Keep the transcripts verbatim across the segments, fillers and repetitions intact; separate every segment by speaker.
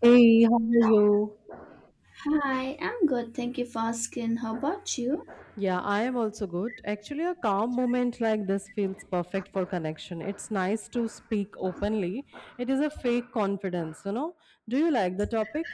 Speaker 1: Hey, how are you?
Speaker 2: Hi, I'm good. Thank you for asking. How about you?
Speaker 1: Yeah, I am also good. Actually, a calm moment like this feels perfect for connection. It's nice to speak openly. It is a fake confidence, you know. Do you like the topic?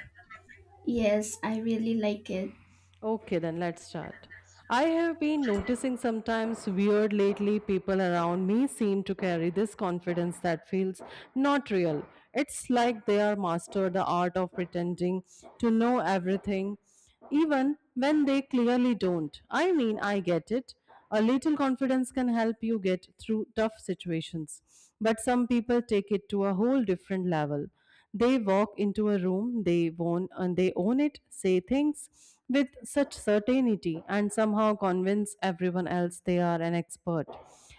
Speaker 2: Yes, I really like it.
Speaker 1: Okay, then let's start. I have been noticing sometimes weird lately people around me seem to carry this confidence that feels not real. It's like they are mastered the art of pretending to know everything even when they clearly don't. I mean, I get it. A little confidence can help you get through tough situations, but some people take it to a whole different level. They walk into a room, they own and they own it, say things with such certainty and somehow convince everyone else they are an expert.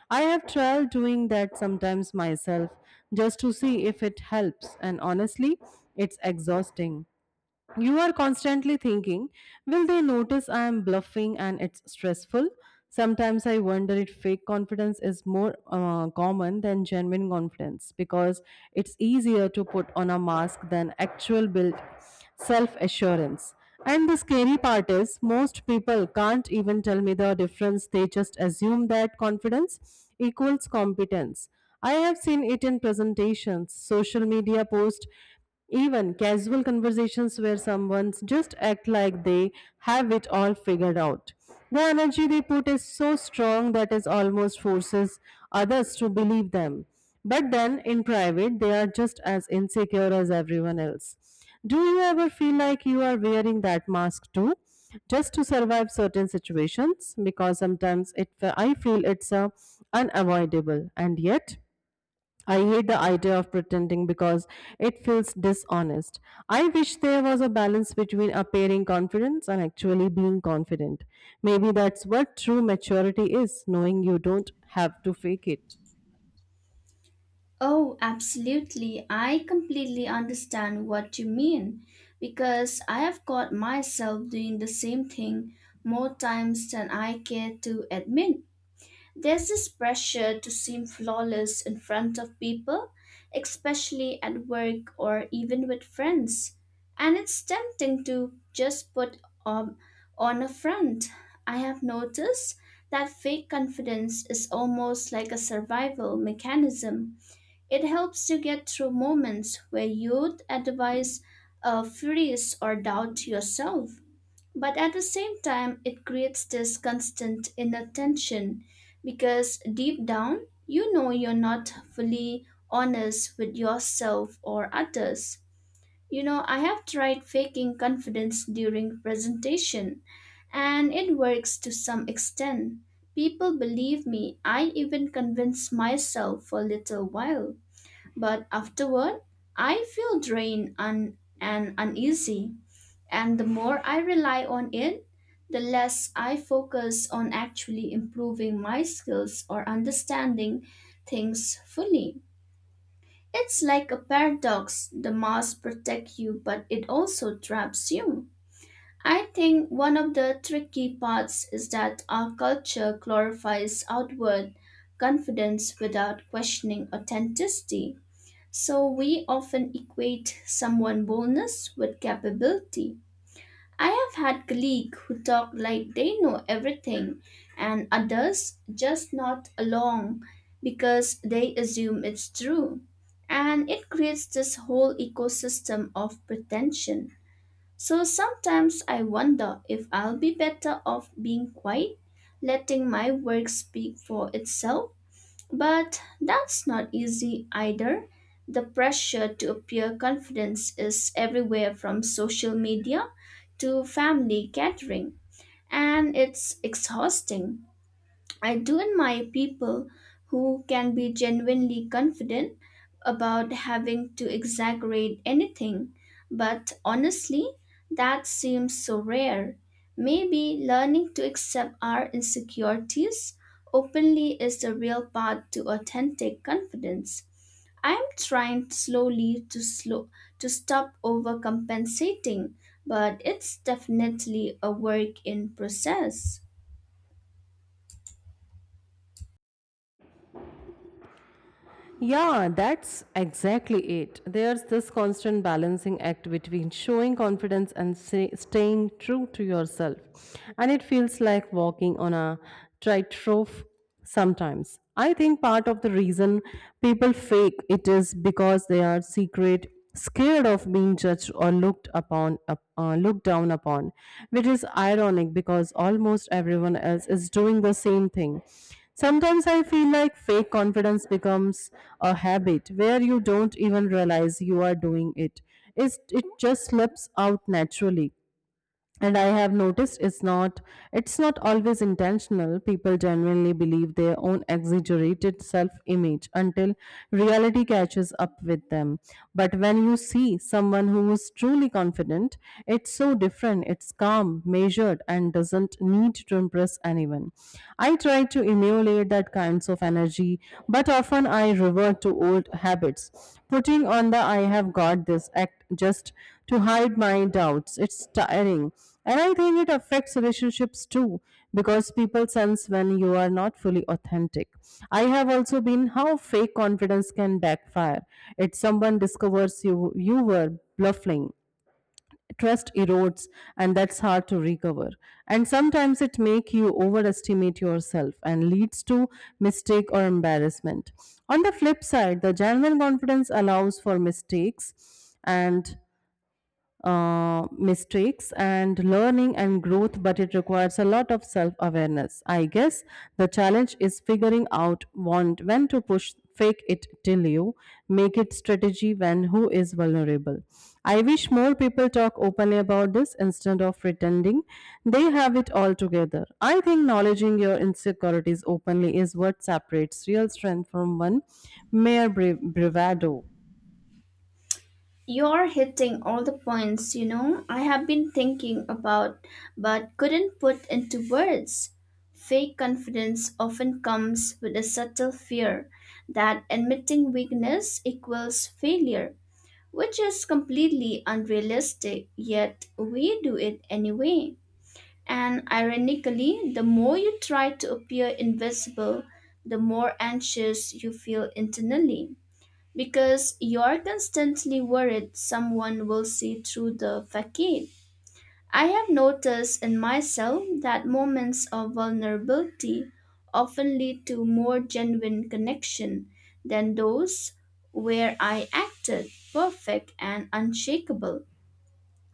Speaker 1: I have tried doing that sometimes myself just to see if it helps and honestly it's exhausting. You are constantly thinking, will they notice I am bluffing and it's stressful? Sometimes I wonder if fake confidence is more uh, common than genuine confidence because it's easier to put on a mask than actual built self assurance. And the scary part is, most people can't even tell me the difference. They just assume that confidence equals competence. I have seen it in presentations, social media posts, even casual conversations where someone just act like they have it all figured out. The energy they put is so strong that it almost forces others to believe them. But then in private, they are just as insecure as everyone else. Do you ever feel like you are wearing that mask too? Just to survive certain situations, because sometimes it I feel it's uh, unavoidable, and yet I hate the idea of pretending because it feels dishonest. I wish there was a balance between appearing confidence and actually being confident. Maybe that's what true maturity is knowing you don't have to fake it.
Speaker 2: Oh, absolutely. I completely understand what you mean because I have caught myself doing the same thing more times than I care to admit. There's this pressure to seem flawless in front of people, especially at work or even with friends. And it's tempting to just put um, on a front. I have noticed that fake confidence is almost like a survival mechanism. It helps you get through moments where you'd otherwise uh, freeze or doubt yourself. But at the same time, it creates this constant inner tension because deep down, you know you're not fully honest with yourself or others. You know, I have tried faking confidence during presentation and it works to some extent. People believe me, I even convince myself for a little while. But afterward, I feel drained and, and uneasy. And the more I rely on it, the less I focus on actually improving my skills or understanding things fully. It's like a paradox. The mask protects you, but it also traps you. I think one of the tricky parts is that our culture glorifies outward confidence without questioning authenticity. So we often equate someone's boldness with capability. I have had colleagues who talk like they know everything, and others just nod along because they assume it's true. And it creates this whole ecosystem of pretension. So sometimes I wonder if I'll be better off being quiet, letting my work speak for itself. But that's not easy either. The pressure to appear confident is everywhere, from social media to family catering, and it's exhausting. I do admire people who can be genuinely confident about having to exaggerate anything, but honestly, that seems so rare. Maybe learning to accept our insecurities openly is the real path to authentic confidence. I'm trying slowly to slow to stop overcompensating, but it's definitely a work in process.
Speaker 1: Yeah, that's exactly it. There's this constant balancing act between showing confidence and say, staying true to yourself. And it feels like walking on a tightrope sometimes. I think part of the reason people fake it is because they are secret scared of being judged or looked upon up- uh, looked down upon which is ironic because almost everyone else is doing the same thing. Sometimes I feel like fake confidence becomes a habit where you don't even realize you are doing it. It's, it just slips out naturally and I have noticed it's not it's not always intentional. People genuinely believe their own exaggerated self image until reality catches up with them. But when you see someone who is truly confident, it's so different. It's calm, measured and doesn't need to impress anyone. I try to emulate that kinds of energy but often I revert to old habits, putting on the I have got this act just to hide my doubts. It's tiring. And I think it affects relationships too because people sense when you are not fully authentic. I have also been how fake confidence can backfire. If someone discovers you you were bluffing, trust erodes and that's hard to recover. And sometimes it make you overestimate yourself and leads to mistake or embarrassment. On the flip side, the genuine confidence allows for mistakes and uh, mistakes and learning and growth, but it requires a lot of self awareness. I guess the challenge is figuring out want when to push fake it till you make it strategy when who is vulnerable. I wish more people talk openly about this instead of pretending they have it all together. I think acknowledging your insecurities openly is what separates real strength from one mere bra- bravado.
Speaker 2: You're hitting all the points, you know, I have been thinking about but couldn't put into words. Fake confidence often comes with a subtle fear that admitting weakness equals failure, which is completely unrealistic, yet we do it anyway. And ironically, the more you try to appear invisible, the more anxious you feel internally because you're constantly worried someone will see through the facade. I have noticed in myself that moments of vulnerability often lead to more genuine connection than those where I acted perfect and unshakable.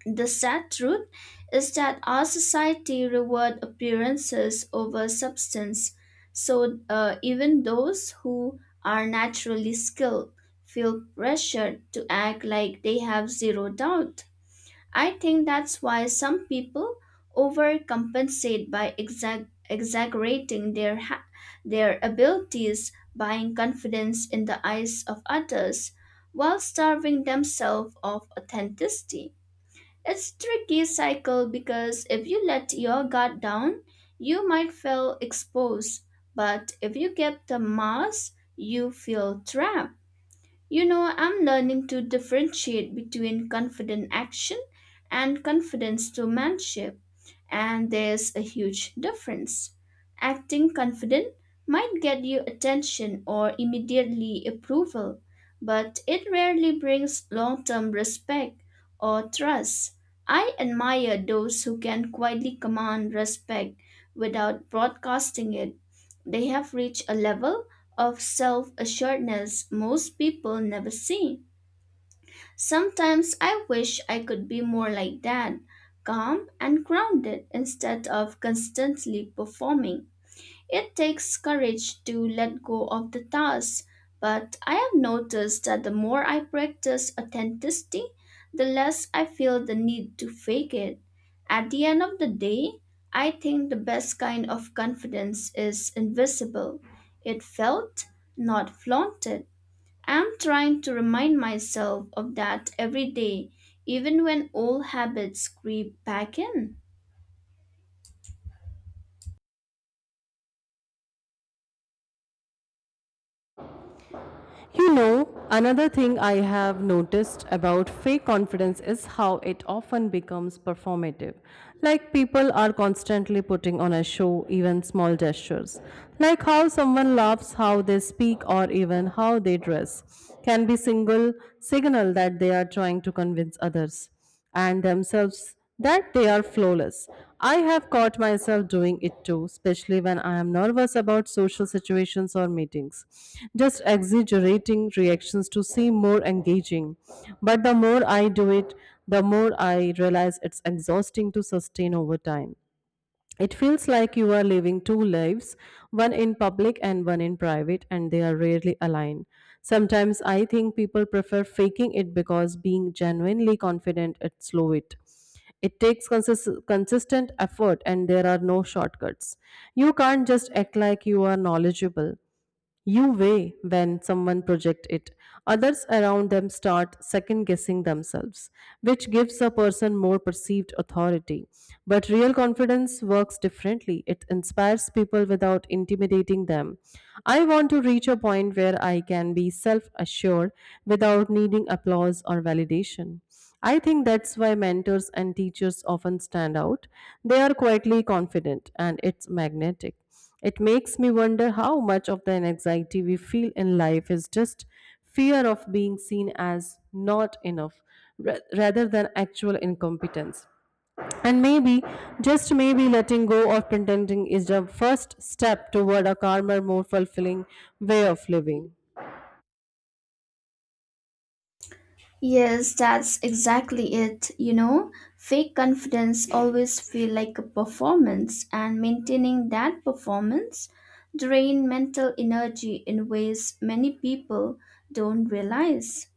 Speaker 2: The sad truth is that our society reward appearances over substance, so uh, even those who are naturally skilled feel pressured to act like they have zero doubt. I think that's why some people overcompensate by exag- exaggerating their ha- their abilities, buying confidence in the eyes of others, while starving themselves of authenticity. It's tricky cycle because if you let your guard down, you might feel exposed, but if you keep the mask, you feel trapped. You know, I'm learning to differentiate between confident action and confidence to manship, and there's a huge difference. Acting confident might get you attention or immediately approval, but it rarely brings long term respect or trust. I admire those who can quietly command respect without broadcasting it. They have reached a level of self assuredness most people never see. Sometimes I wish I could be more like that, calm and grounded instead of constantly performing. It takes courage to let go of the task, but I have noticed that the more I practice authenticity, the less I feel the need to fake it. At the end of the day, I think the best kind of confidence is invisible. It felt, not flaunted. I'm trying to remind myself of that every day, even when old habits creep back in.
Speaker 1: You know, another thing I have noticed about fake confidence is how it often becomes performative. Like people are constantly putting on a show, even small gestures. Like how someone laughs, how they speak, or even how they dress can be single signal that they are trying to convince others and themselves that they are flawless. I have caught myself doing it too, especially when I am nervous about social situations or meetings, just exaggerating reactions to seem more engaging. But the more I do it, the more I realize it's exhausting to sustain over time. It feels like you are living two lives, one in public and one in private, and they are rarely aligned. Sometimes I think people prefer faking it because being genuinely confident it slow it. It takes consis- consistent effort and there are no shortcuts. You can't just act like you are knowledgeable. You weigh when someone projects it. Others around them start second guessing themselves, which gives a person more perceived authority. But real confidence works differently. It inspires people without intimidating them. I want to reach a point where I can be self assured without needing applause or validation. I think that's why mentors and teachers often stand out. They are quietly confident and it's magnetic. It makes me wonder how much of the anxiety we feel in life is just fear of being seen as not enough ra- rather than actual incompetence. And maybe, just maybe, letting go of pretending is the first step toward a calmer, more fulfilling way of living.
Speaker 2: Yes, that's exactly it. You know, fake confidence always feel like a performance and maintaining that performance drain mental energy in ways many people don't realize.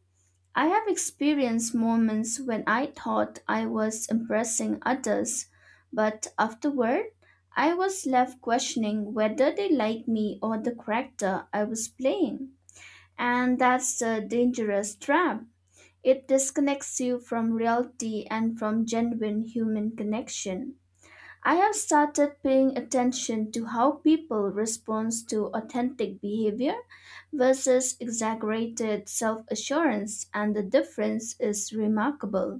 Speaker 2: I have experienced moments when I thought I was impressing others, but afterward I was left questioning whether they liked me or the character I was playing. And that's the dangerous trap. It disconnects you from reality and from genuine human connection. I have started paying attention to how people respond to authentic behavior versus exaggerated self assurance, and the difference is remarkable.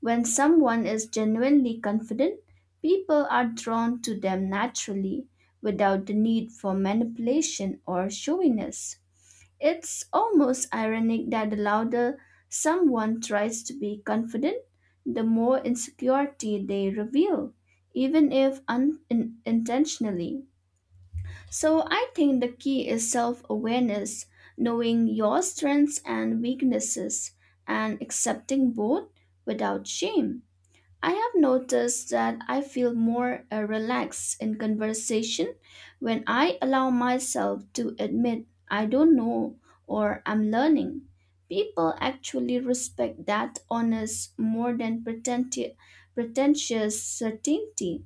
Speaker 2: When someone is genuinely confident, people are drawn to them naturally without the need for manipulation or showiness. It's almost ironic that the louder someone tries to be confident, the more insecurity they reveal, even if unintentionally. So I think the key is self awareness, knowing your strengths and weaknesses, and accepting both without shame. I have noticed that I feel more uh, relaxed in conversation when I allow myself to admit I don't know or I'm learning. People actually respect that honest more than pretenti- pretentious certainty.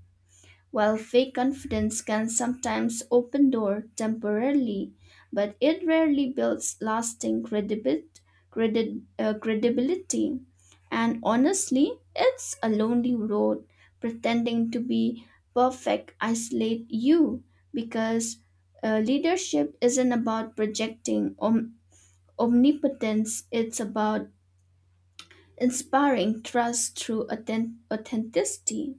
Speaker 2: While fake confidence can sometimes open door temporarily, but it rarely builds lasting credibit, credit, uh, credibility. And honestly, it's a lonely road. Pretending to be perfect isolate you because uh, leadership isn't about projecting om- omnipotence. It's about inspiring trust through authen- authenticity.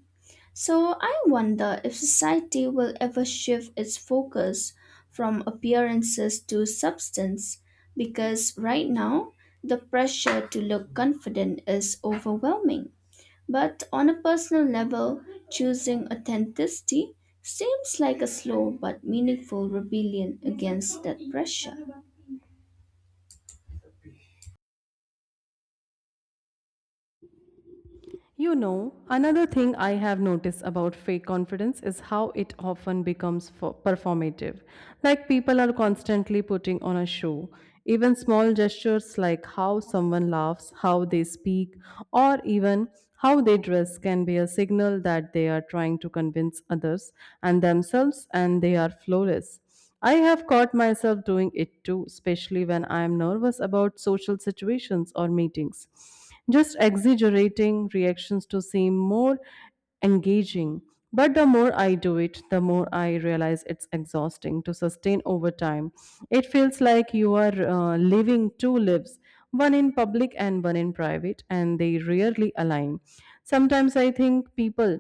Speaker 2: So I wonder if society will ever shift its focus from appearances to substance because right now the pressure to look confident is overwhelming. But on a personal level, choosing authenticity seems like a slow but meaningful rebellion against that pressure.
Speaker 1: You know, another thing I have noticed about fake confidence is how it often becomes fo- performative. Like people are constantly putting on a show. Even small gestures like how someone laughs, how they speak, or even how they dress can be a signal that they are trying to convince others and themselves and they are flawless. I have caught myself doing it too, especially when I am nervous about social situations or meetings. Just exaggerating reactions to seem more engaging. But the more I do it, the more I realize it's exhausting to sustain over time. It feels like you are uh, living two lives, one in public and one in private, and they rarely align. Sometimes I think people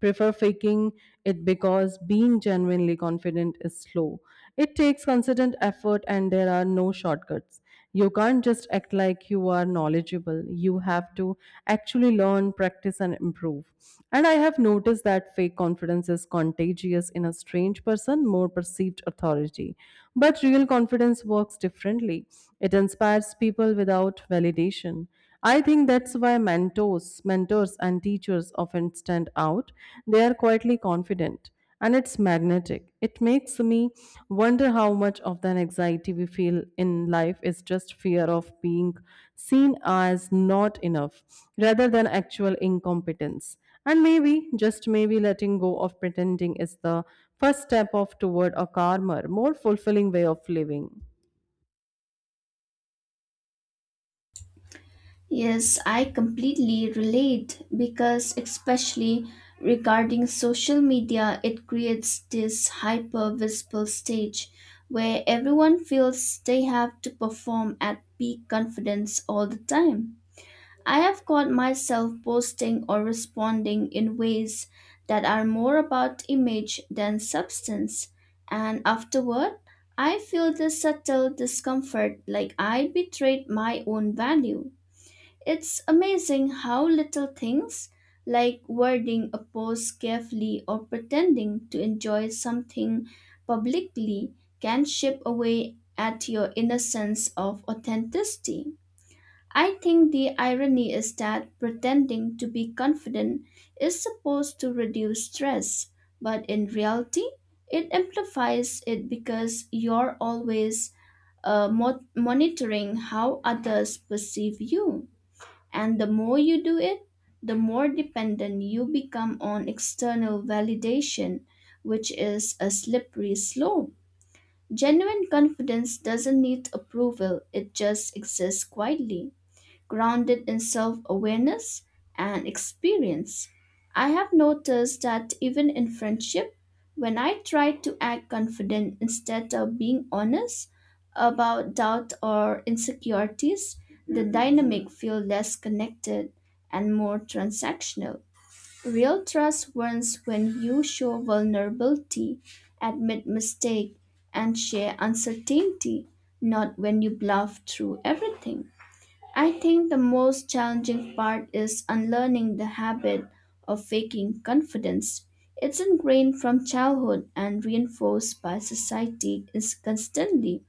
Speaker 1: prefer faking it because being genuinely confident is slow. It takes consistent effort and there are no shortcuts. You can't just act like you are knowledgeable. You have to actually learn, practice, and improve. And I have noticed that fake confidence is contagious in a strange person, more perceived authority. But real confidence works differently, it inspires people without validation. I think that's why mentors, mentors and teachers often stand out. They are quietly confident and it's magnetic. It makes me wonder how much of that anxiety we feel in life is just fear of being seen as not enough rather than actual incompetence. And maybe, just maybe letting go of pretending is the first step of toward a calmer, more fulfilling way of living.
Speaker 2: Yes, I completely relate because, especially regarding social media, it creates this hyper visible stage where everyone feels they have to perform at peak confidence all the time. I have caught myself posting or responding in ways that are more about image than substance, and afterward, I feel this subtle discomfort like I betrayed my own value. It's amazing how little things, like wording a post carefully or pretending to enjoy something publicly, can chip away at your innocence of authenticity. I think the irony is that pretending to be confident is supposed to reduce stress, but in reality, it amplifies it because you're always uh, mo- monitoring how others perceive you. And the more you do it, the more dependent you become on external validation, which is a slippery slope. Genuine confidence doesn't need approval, it just exists quietly grounded in self awareness and experience. I have noticed that even in friendship, when I try to act confident instead of being honest about doubt or insecurities, the dynamic feels less connected and more transactional. Real trust wins when you show vulnerability, admit mistake, and share uncertainty, not when you bluff through everything. I think the most challenging part is unlearning the habit of faking confidence. It's ingrained from childhood and reinforced by society is- constantly.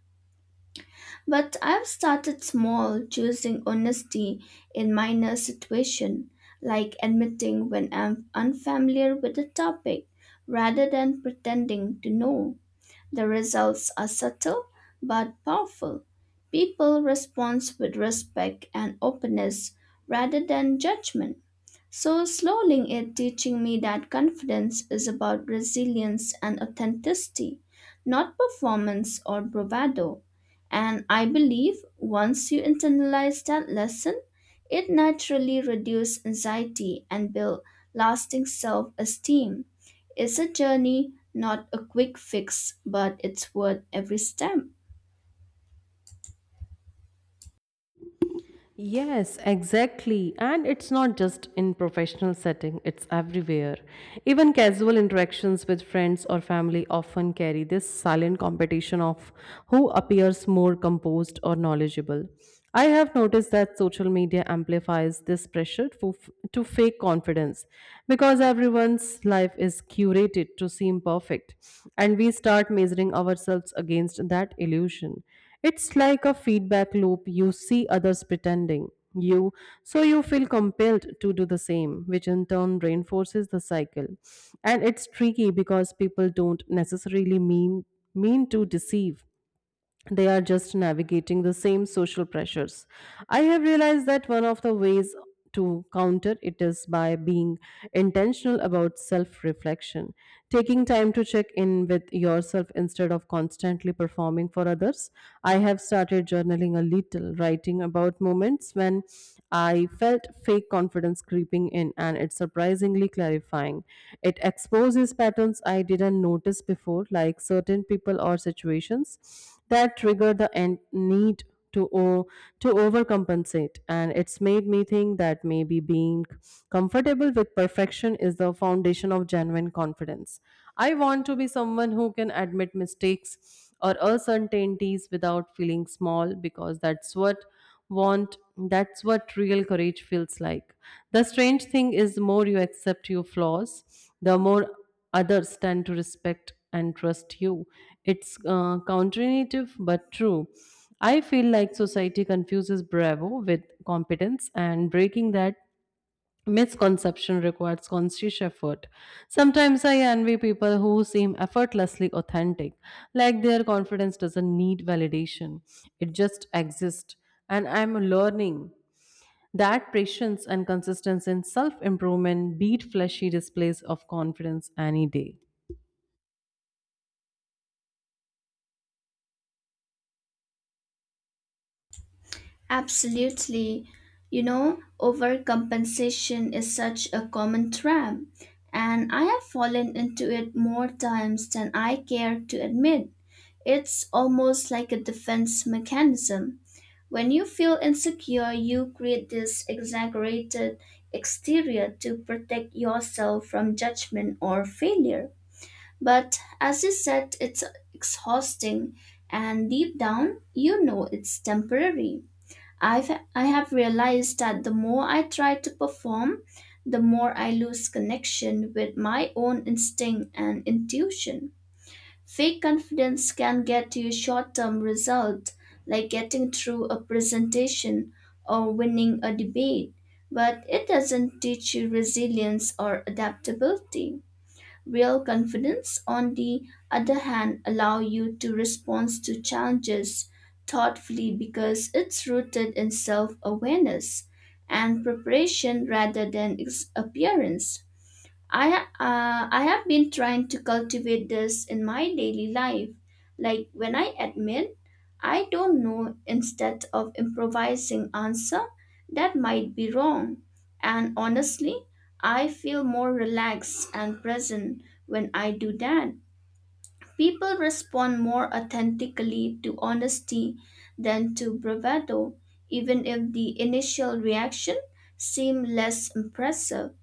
Speaker 2: But I've started small, choosing honesty in minor situations, like admitting when I'm unfamiliar with a topic, rather than pretending to know. The results are subtle but powerful. People respond with respect and openness rather than judgment. So, slowly it teaching me that confidence is about resilience and authenticity, not performance or bravado. And I believe once you internalize that lesson, it naturally reduces anxiety and build lasting self esteem. It's a journey, not a quick fix, but it's worth every step.
Speaker 1: Yes, exactly. And it's not just in professional setting, it's everywhere. Even casual interactions with friends or family often carry this silent competition of who appears more composed or knowledgeable. I have noticed that social media amplifies this pressure to, to fake confidence because everyone's life is curated to seem perfect and we start measuring ourselves against that illusion. It's like a feedback loop. You see others pretending you, so you feel compelled to do the same, which in turn reinforces the cycle. And it's tricky because people don't necessarily mean mean to deceive. They are just navigating the same social pressures. I have realized that one of the ways to counter it is by being intentional about self reflection, taking time to check in with yourself instead of constantly performing for others. I have started journaling a little, writing about moments when I felt fake confidence creeping in, and it's surprisingly clarifying. It exposes patterns I didn't notice before, like certain people or situations that trigger the en- need to o- to overcompensate. And it's made me think that maybe being comfortable with perfection is the foundation of genuine confidence. I want to be someone who can admit mistakes or uncertainties without feeling small because that's what want that's what real courage feels like. The strange thing is the more you accept your flaws the more others tend to respect and trust you. It's uh, counterintuitive but true. I feel like society confuses bravo with competence, and breaking that misconception requires conscious effort. Sometimes I envy people who seem effortlessly authentic, like their confidence doesn't need validation, it just exists. And I'm learning that patience and consistency in self improvement beat flashy displays of confidence any day.
Speaker 2: Absolutely. You know, overcompensation is such a common trap, and I have fallen into it more times than I care to admit. It's almost like a defense mechanism. When you feel insecure, you create this exaggerated exterior to protect yourself from judgment or failure. But as you said, it's exhausting, and deep down, you know it's temporary. I've, I have realized that the more I try to perform, the more I lose connection with my own instinct and intuition. Fake confidence can get you short term results like getting through a presentation or winning a debate, but it doesn't teach you resilience or adaptability. Real confidence, on the other hand, allow you to respond to challenges thoughtfully because it's rooted in self-awareness and preparation rather than ex- appearance. I uh, I have been trying to cultivate this in my daily life. Like when I admit I don't know instead of improvising answer that might be wrong. And honestly, I feel more relaxed and present when I do that. People respond more authentically to honesty than to bravado, even if the initial reaction seems less impressive.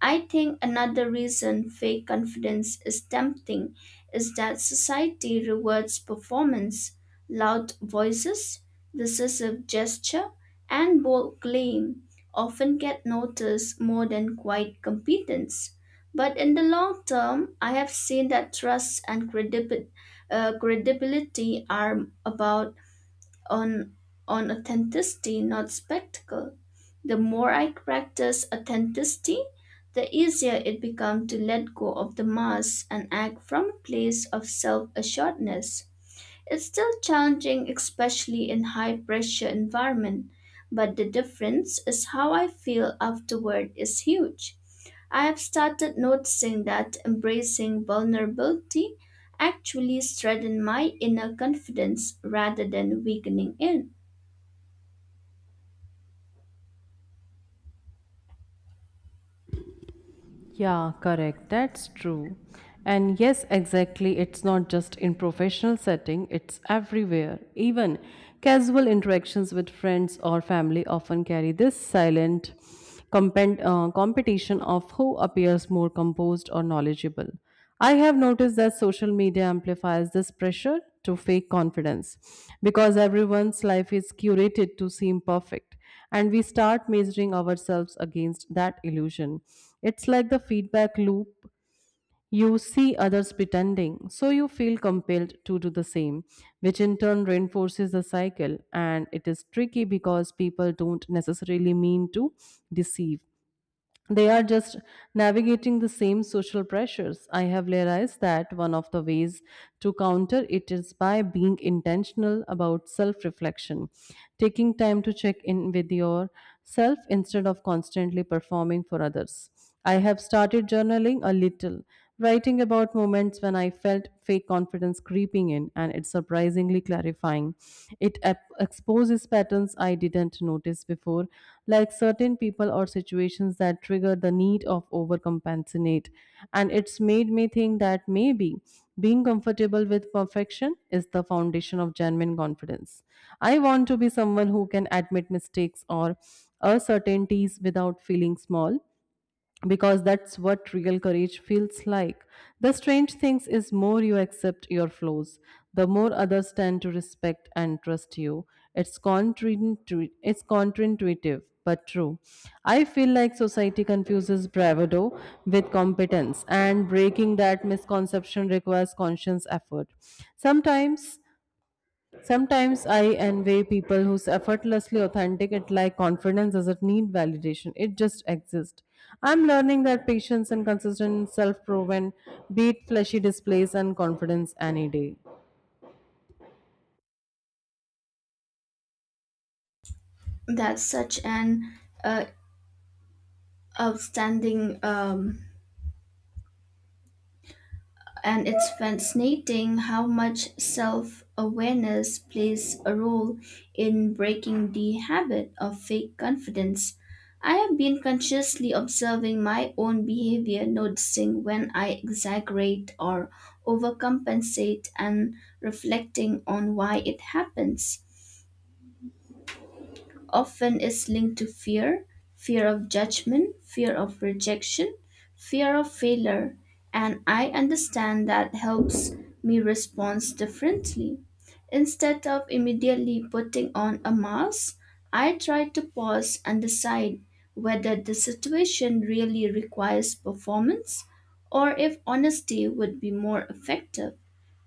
Speaker 2: I think another reason fake confidence is tempting is that society rewards performance, loud voices, decisive gesture, and bold claim often get noticed more than quiet competence. But in the long term, I have seen that trust and credibi- uh, credibility are about on, on authenticity, not spectacle. The more I practice authenticity, the easier it becomes to let go of the mask and act from a place of self assuredness. It's still challenging, especially in high pressure environment, but the difference is how I feel afterward is huge. I have started noticing that embracing vulnerability actually strengthens my inner confidence rather than weakening it.
Speaker 1: Yeah, correct. That's true. And yes, exactly. It's not just in professional setting, it's everywhere. Even casual interactions with friends or family often carry this silent compet- uh, competition of who appears more composed or knowledgeable. I have noticed that social media amplifies this pressure to fake confidence because everyone's life is curated to seem perfect and we start measuring ourselves against that illusion. It's like the feedback loop. You see others pretending, so you feel compelled to do the same, which in turn reinforces the cycle. And it is tricky because people don't necessarily mean to deceive, they are just navigating the same social pressures. I have realized that one of the ways to counter it is by being intentional about self reflection, taking time to check in with yourself instead of constantly performing for others. I have started journaling a little, writing about moments when I felt fake confidence creeping in, and it's surprisingly clarifying. It ep- exposes patterns I didn't notice before, like certain people or situations that trigger the need of overcompensate. And it's made me think that maybe being comfortable with perfection is the foundation of genuine confidence. I want to be someone who can admit mistakes or uncertainties without feeling small because that's what real courage feels like. The strange things is more you accept your flaws, the more others tend to respect and trust you. It's counterintuitive, it's counterintuitive but true. I feel like society confuses bravado with competence, and breaking that misconception requires conscious effort. Sometimes Sometimes I envy people who's effortlessly authentic. It like confidence doesn't need validation. It just exists. I'm learning that patience and consistent self-proven beat flashy displays and confidence any day.
Speaker 2: That's such an uh, outstanding um, and it's fascinating how much self-awareness plays a role in breaking the habit of fake confidence. I have been consciously observing my own behavior, noticing when I exaggerate or overcompensate and reflecting on why it happens. Often is linked to fear, fear of judgment, fear of rejection, fear of failure, and I understand that helps me respond differently. Instead of immediately putting on a mask, I try to pause and decide whether the situation really requires performance or if honesty would be more effective.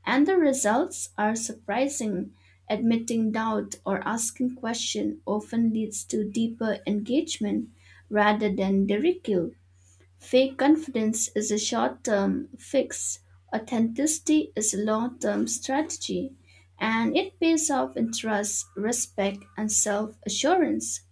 Speaker 2: And the results are surprising. Admitting doubt or asking question often leads to deeper engagement rather than ridicule. Fake confidence is a short term fix, authenticity is a long term strategy, and it pays off in trust, respect, and self assurance.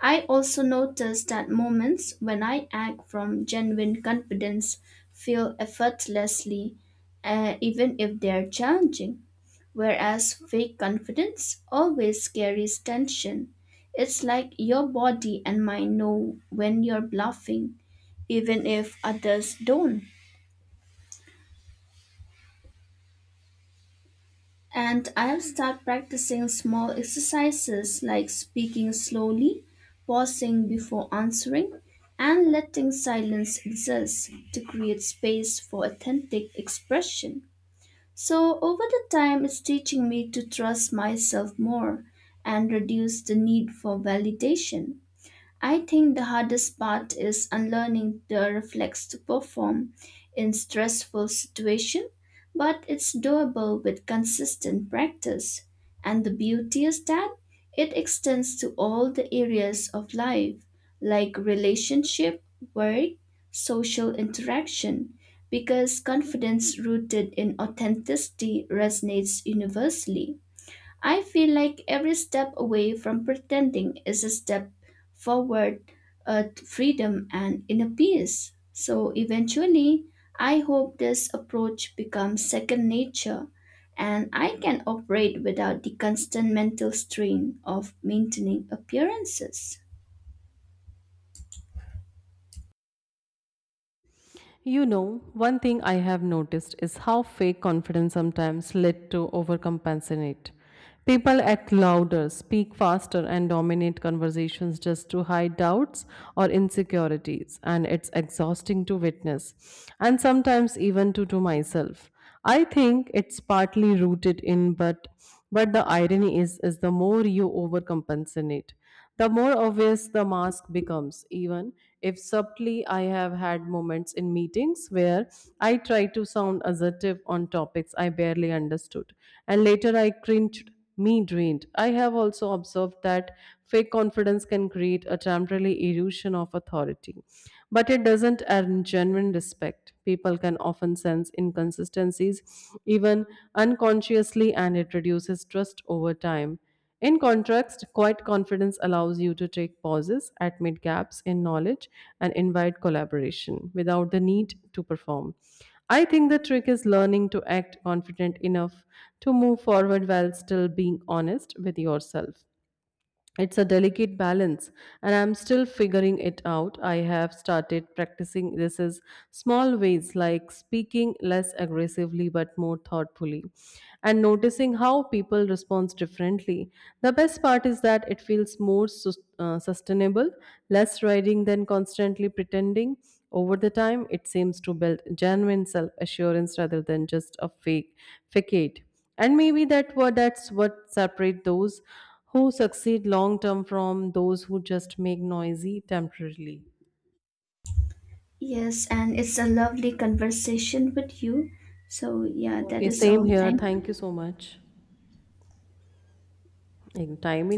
Speaker 2: I also notice that moments when I act from genuine confidence feel effortlessly, uh, even if they are challenging, whereas fake confidence always carries tension. It's like your body and mind know when you're bluffing, even if others don't. And I'll start practicing small exercises like speaking slowly, pausing before answering, and letting silence exist to create space for authentic expression. So, over the time, it's teaching me to trust myself more and reduce the need for validation. I think the hardest part is unlearning the reflex to perform in stressful situations, but it's doable with consistent practice. And the beauty is that it extends to all the areas of life, like relationship, work, social interaction, because confidence rooted in authenticity resonates universally. I feel like every step away from pretending is a step forward uh, to freedom and inner peace. So eventually, I hope this approach becomes second nature and I can operate without the constant mental strain of maintaining appearances.
Speaker 1: You know, one thing I have noticed is how fake confidence sometimes led to overcompensate. People act louder, speak faster, and dominate conversations just to hide doubts or insecurities, and it's exhausting to witness, and sometimes even to, to myself. I think it's partly rooted in, but but the irony is, is the more you overcompensate, the more obvious the mask becomes, even if subtly. I have had moments in meetings where I tried to sound assertive on topics I barely understood, and later I cringed. Me drained. I have also observed that fake confidence can create a temporary illusion of authority, but it doesn't earn genuine respect. People can often sense inconsistencies, even unconsciously, and it reduces trust over time. In contrast, quiet confidence allows you to take pauses, admit gaps in knowledge, and invite collaboration without the need to perform. I think the trick is learning to act confident enough to move forward while still being honest with yourself. It's a delicate balance, and I'm still figuring it out. I have started practicing this as small ways, like speaking less aggressively but more thoughtfully, and noticing how people respond differently. The best part is that it feels more sus- uh, sustainable, less riding than constantly pretending. Over the time, it seems to build genuine self assurance rather than just a fake facade. And maybe that what that's what separate those who succeed long term from those who just make noisy temporarily.
Speaker 2: Yes, and it's a lovely conversation with you. So, yeah, that
Speaker 1: Okay,
Speaker 2: is
Speaker 1: same
Speaker 2: all.
Speaker 1: here,
Speaker 2: Thank
Speaker 1: thank you so much. Like, time.